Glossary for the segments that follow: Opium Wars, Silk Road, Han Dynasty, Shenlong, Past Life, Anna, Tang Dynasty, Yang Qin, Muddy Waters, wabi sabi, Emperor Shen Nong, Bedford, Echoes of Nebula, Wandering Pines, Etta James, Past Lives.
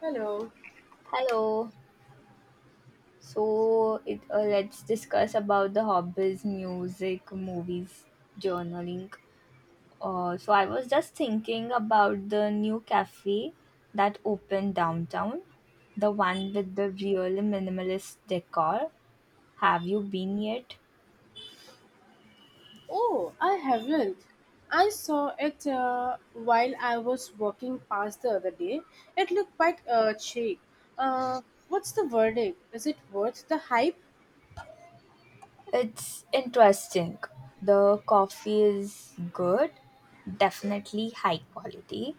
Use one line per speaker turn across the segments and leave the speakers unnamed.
Hello.
Hello. So it Let's discuss about the hobbies, music, movies, journaling. So I was just thinking about the new cafe that opened downtown, the one with the really minimalist decor. Have you been yet?
Oh, I haven't. I saw it while I was walking past the other day. It looked quite chic. Uh, what's the verdict? Is it worth the hype?
It's interesting. The coffee is good, definitely high quality,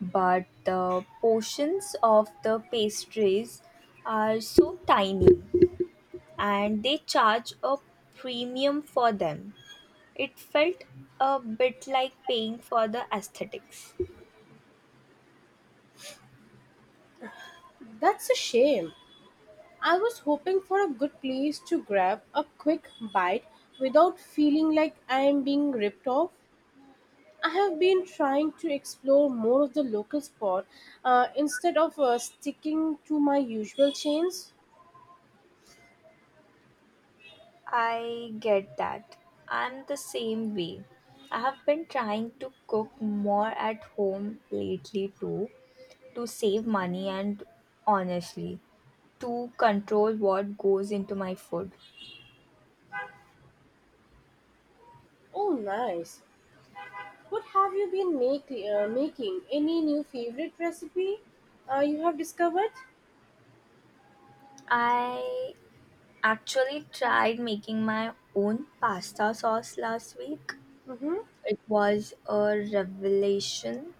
but the portions of the pastries are so tiny and they charge a premium for them. It felt a bit like paying for the aesthetics.
That's a shame. I was hoping for a good place to grab a quick bite without feeling like I am being ripped off. I have been trying to explore more of the local spot instead of sticking to my usual chains.
I get that. I'm the same way. I have been trying to cook more at home lately too, to save money and, honestly, to control what goes into my food.
Oh, nice. What have you been making? Any new favorite recipe you have discovered?
I actually tried making my own pasta sauce last week.
Hmm.
It was a revelation,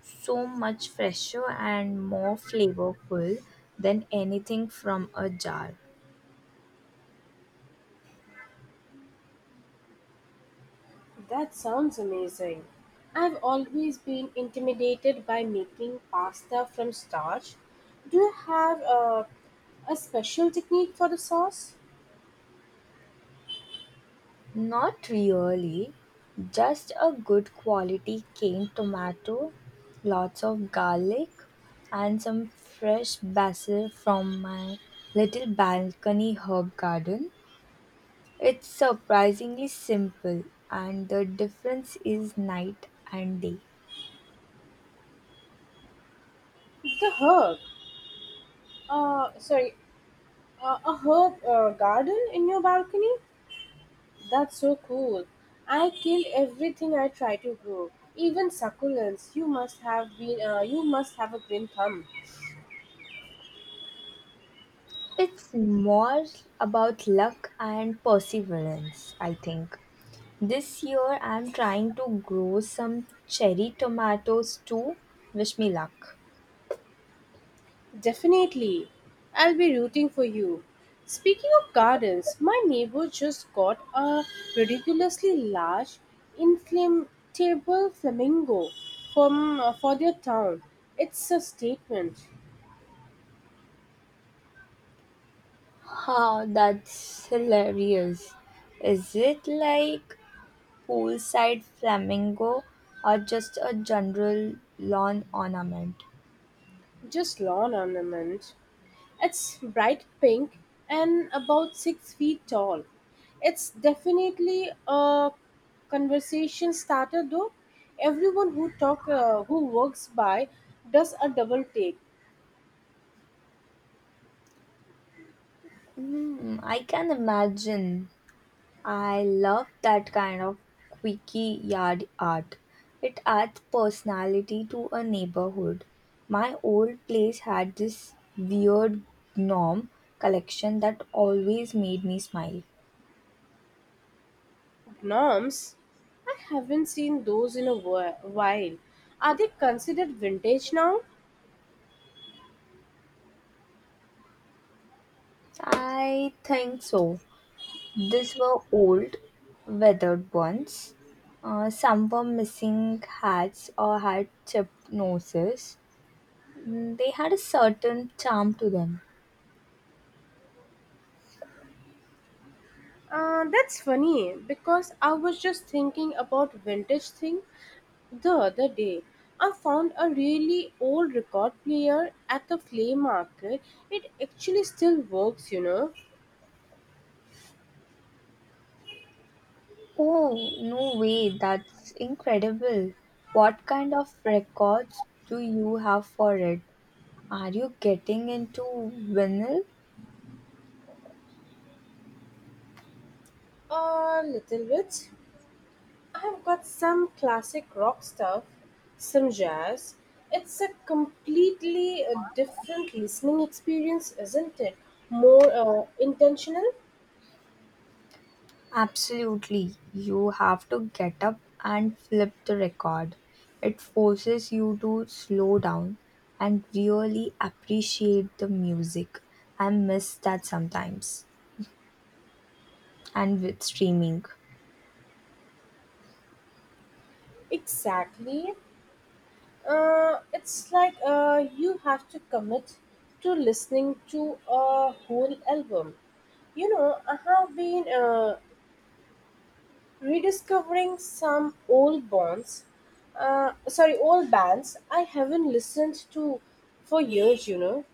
so much fresher and more flavorful than anything from a jar.
That sounds amazing. I've always been intimidated by making pasta from starch. Do you have a special technique for the sauce?
Not really, just a good quality canned tomato, lots of garlic, and some fresh basil from my little balcony herb garden. It's surprisingly simple, and the difference is night and day.
The herb, uh, sorry, a herb garden in your balcony? That's so cool. I kill everything I try to grow, even succulents. You must have a green thumb.
It's more about luck and perseverance, I think. This year I'm trying to grow some cherry tomatoes too. Wish me luck.
Definitely. I'll be rooting for you. Speaking of gardens, my neighbor just got a ridiculously large inflatable flamingo from for their town. It's a statement,
Huh, that's hilarious. Is it like poolside flamingo or just a general lawn ornament?
just lawn ornament. It's bright pink and about 6 feet tall. It's definitely a conversation starter, though. Everyone who talk who works by does a double take.
Hmm, I can imagine. I love that kind of quirky yard art. It adds personality to a neighborhood. My old place had this weird gnome collection that always made me smile.
Gnomes, I haven't seen those in a while. Are they considered vintage now?
I think so. These were old, weathered ones. Some were missing hats or had chipped noses. Mm, they had a certain charm to them.
That's funny because I was just thinking about vintage thing. The other day, I found a really old record player at the flea market. It actually still works,
Oh, no way, that's incredible. What kind of records do you have for it? Are you getting into vinyl?
A little bit. I've got some classic rock stuff, some jazz. It's a completely different listening experience, isn't it? More intentional.
Absolutely. You have to get up and flip the record. It forces you to slow down and really appreciate the music. I miss that sometimes. And with streaming.
Exactly. It's like you have to commit to listening to a whole album. I have been rediscovering some old bonds. Old bands I haven't listened to for years.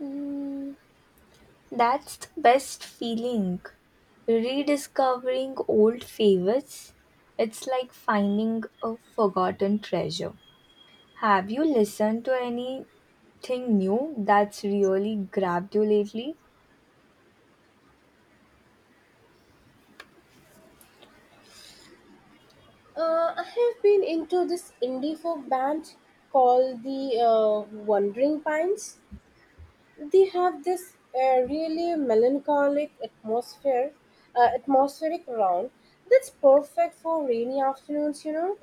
Mm, that's the best feeling. Rediscovering old favorites. It's like finding a forgotten treasure. Have you listened to anything new that's really grabbed you lately?
I have been into this indie folk band called the Wandering Pines. They have this really melancholic atmosphere, atmospheric round that's perfect for rainy afternoons.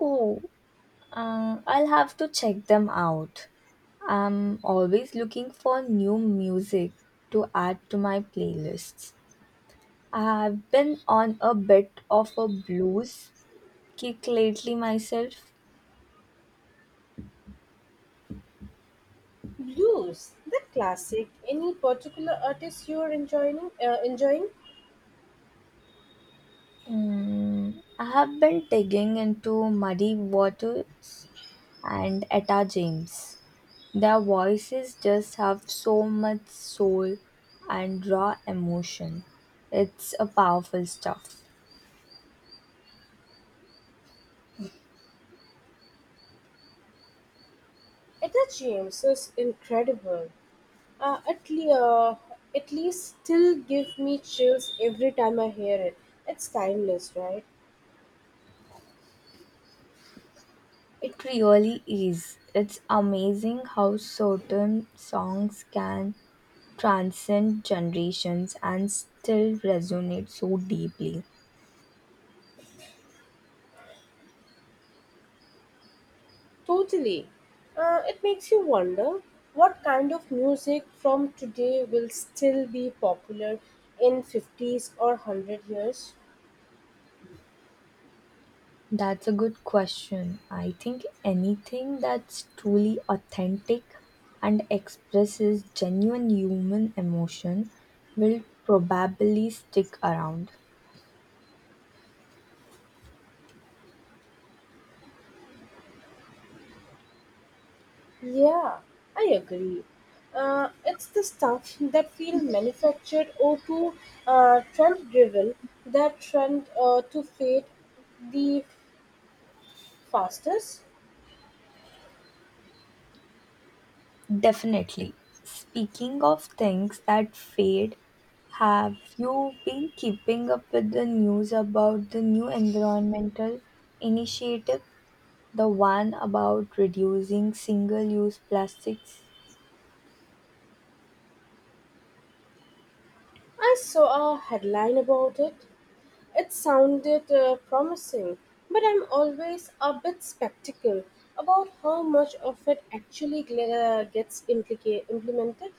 Oh, I'll have to check them out. I'm always looking for new music to add to my playlists. I've been on a bit of a blues kick lately myself.
Blues, the classic. Any particular artist you're enjoying?
Mm, I have been digging into Muddy Waters and Etta James. Their voices just have so much soul and raw emotion. It's a powerful stuff.
Etta James is incredible. Uh, at, le- uh, at least still give me chills every time I hear it. It's timeless, right?
It really is. It's amazing how certain songs can transcend generations and still resonate so deeply.
Totally. It makes you wonder what kind of music from today will still be popular in 50s or 100 years.
That's a good question. I think anything that's truly authentic and expresses genuine human emotion will probably stick around.
Yeah, I agree. It's the stuff that feels manufactured or too trend driven that trend to fade the fastest.
Definitely. Speaking of things that fade, have you been keeping up with the news about the new environmental initiative? The one about reducing single use plastics?
I saw a headline about it. It sounded promising, but I'm always a bit skeptical about how much of it actually implemented.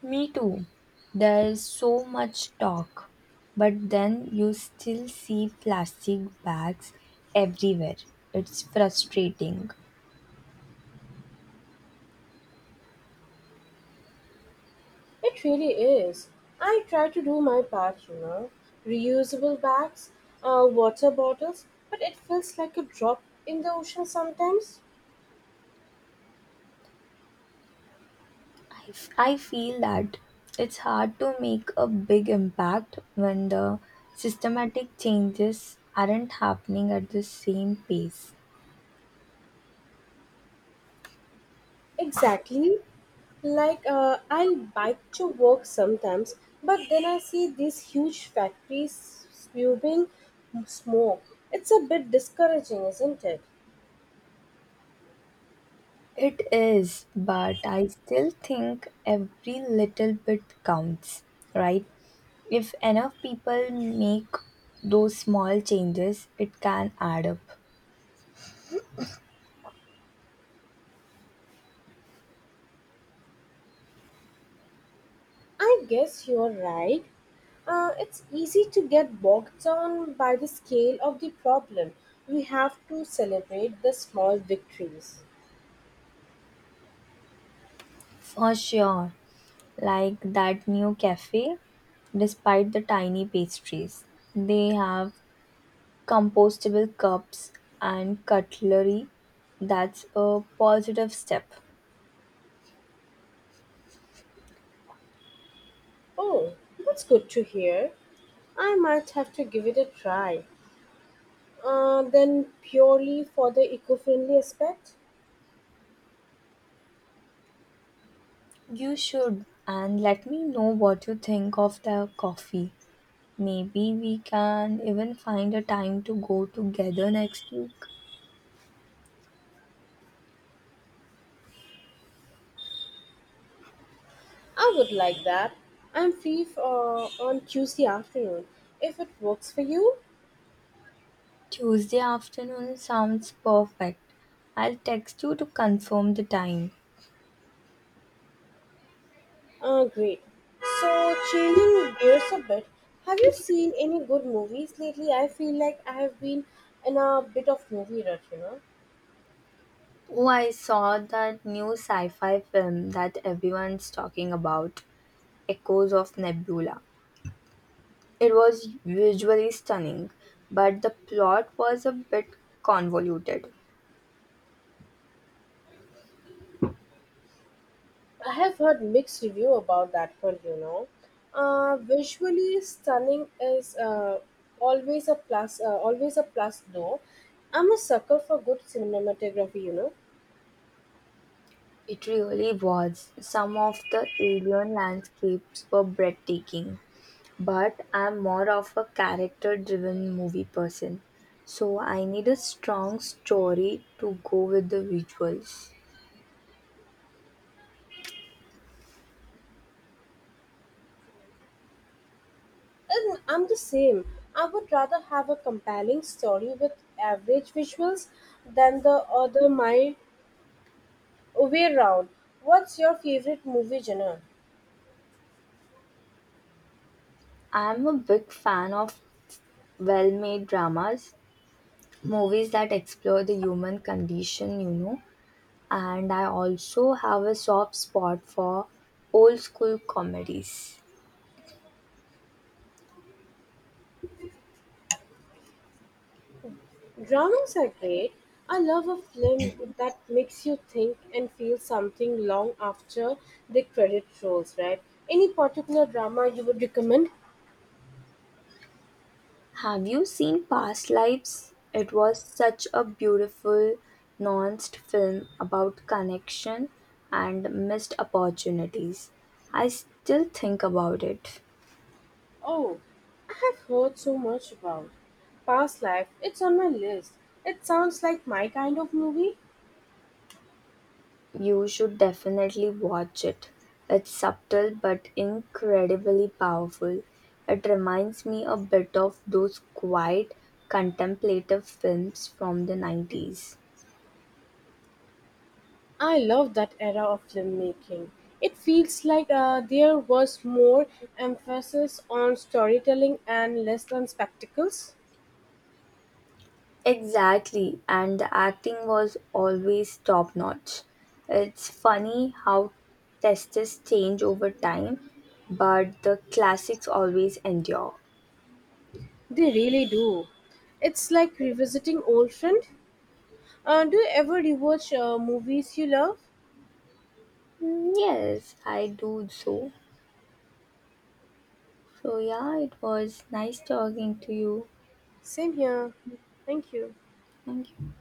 Me too. There's so much talk, but then you still see plastic bags everywhere. It's frustrating.
It really is. I try to do my part, Reusable bags, water bottles, but it feels like a drop in the ocean sometimes.
I feel that it's hard to make a big impact when the systematic changes aren't happening at the same pace.
Exactly. Like I'll bike to work sometimes, but then I see these huge factories spewing smoke. It's a bit discouraging, isn't it?
It is, but I still think every little bit counts, right? If enough people make those small changes, it can add up.
I guess you're right. It's easy to get bogged down by the scale of the problem. We have to celebrate the small victories.
For sure, like that new cafe, despite the tiny pastries, they have compostable cups and cutlery. That's a positive step.
Oh, that's good to hear. I might have to give it a try. Then, purely for the eco friendly aspect?
You should, and let me know what you think of the coffee. Maybe we can even find a time to go together next week.
I would like that. I'm on Tuesday afternoon if it works for you.
Tuesday afternoon sounds perfect. I'll text you to confirm the time.
Ah, great. So, changing gears a bit, have you seen any good movies lately? I feel like I have been in a bit of movie rut,
Oh, I saw that new sci fi film that everyone's talking about, Echoes of Nebula. It was visually stunning, but the plot was a bit convoluted.
I have heard mixed review about that one, Visually stunning is always a always a plus though. I'm a sucker for good cinematography,
It really was. Some of the alien landscapes were breathtaking, but I'm more of a character driven movie person, so I need a strong story to go with the visuals.
And I'm the same. I would rather have a compelling story with average visuals than the other my We're round. What's your favorite movie genre?
I'm a big fan of well made dramas, movies that explore the human condition, you know, and I also have a soft spot for old school comedies.
Dramas are great. I love a film that makes you think and feel something long after the credit rolls, right? Any particular drama you would recommend?
Have you seen Past Lives? It was such a beautiful, nuanced film about connection and missed opportunities. I still think about it.
Oh, I have heard so much about. Past Life, it's on my list. It sounds like my kind of movie.
You should definitely watch it. It's subtle but incredibly powerful. It reminds me a bit of those quiet, contemplative films from the 90s.
I love that era of filmmaking. It feels like there was more emphasis on storytelling and less on spectacles.
Exactly, and the acting was always top notch. It's funny how tastes change over time, but the classics always endure.
They really do. It's like revisiting old friend. Do you ever rewatch movies you love?
Mm, yes, I do so. So, yeah, it was nice talking to you.
Same here. Thank you.
Thank you.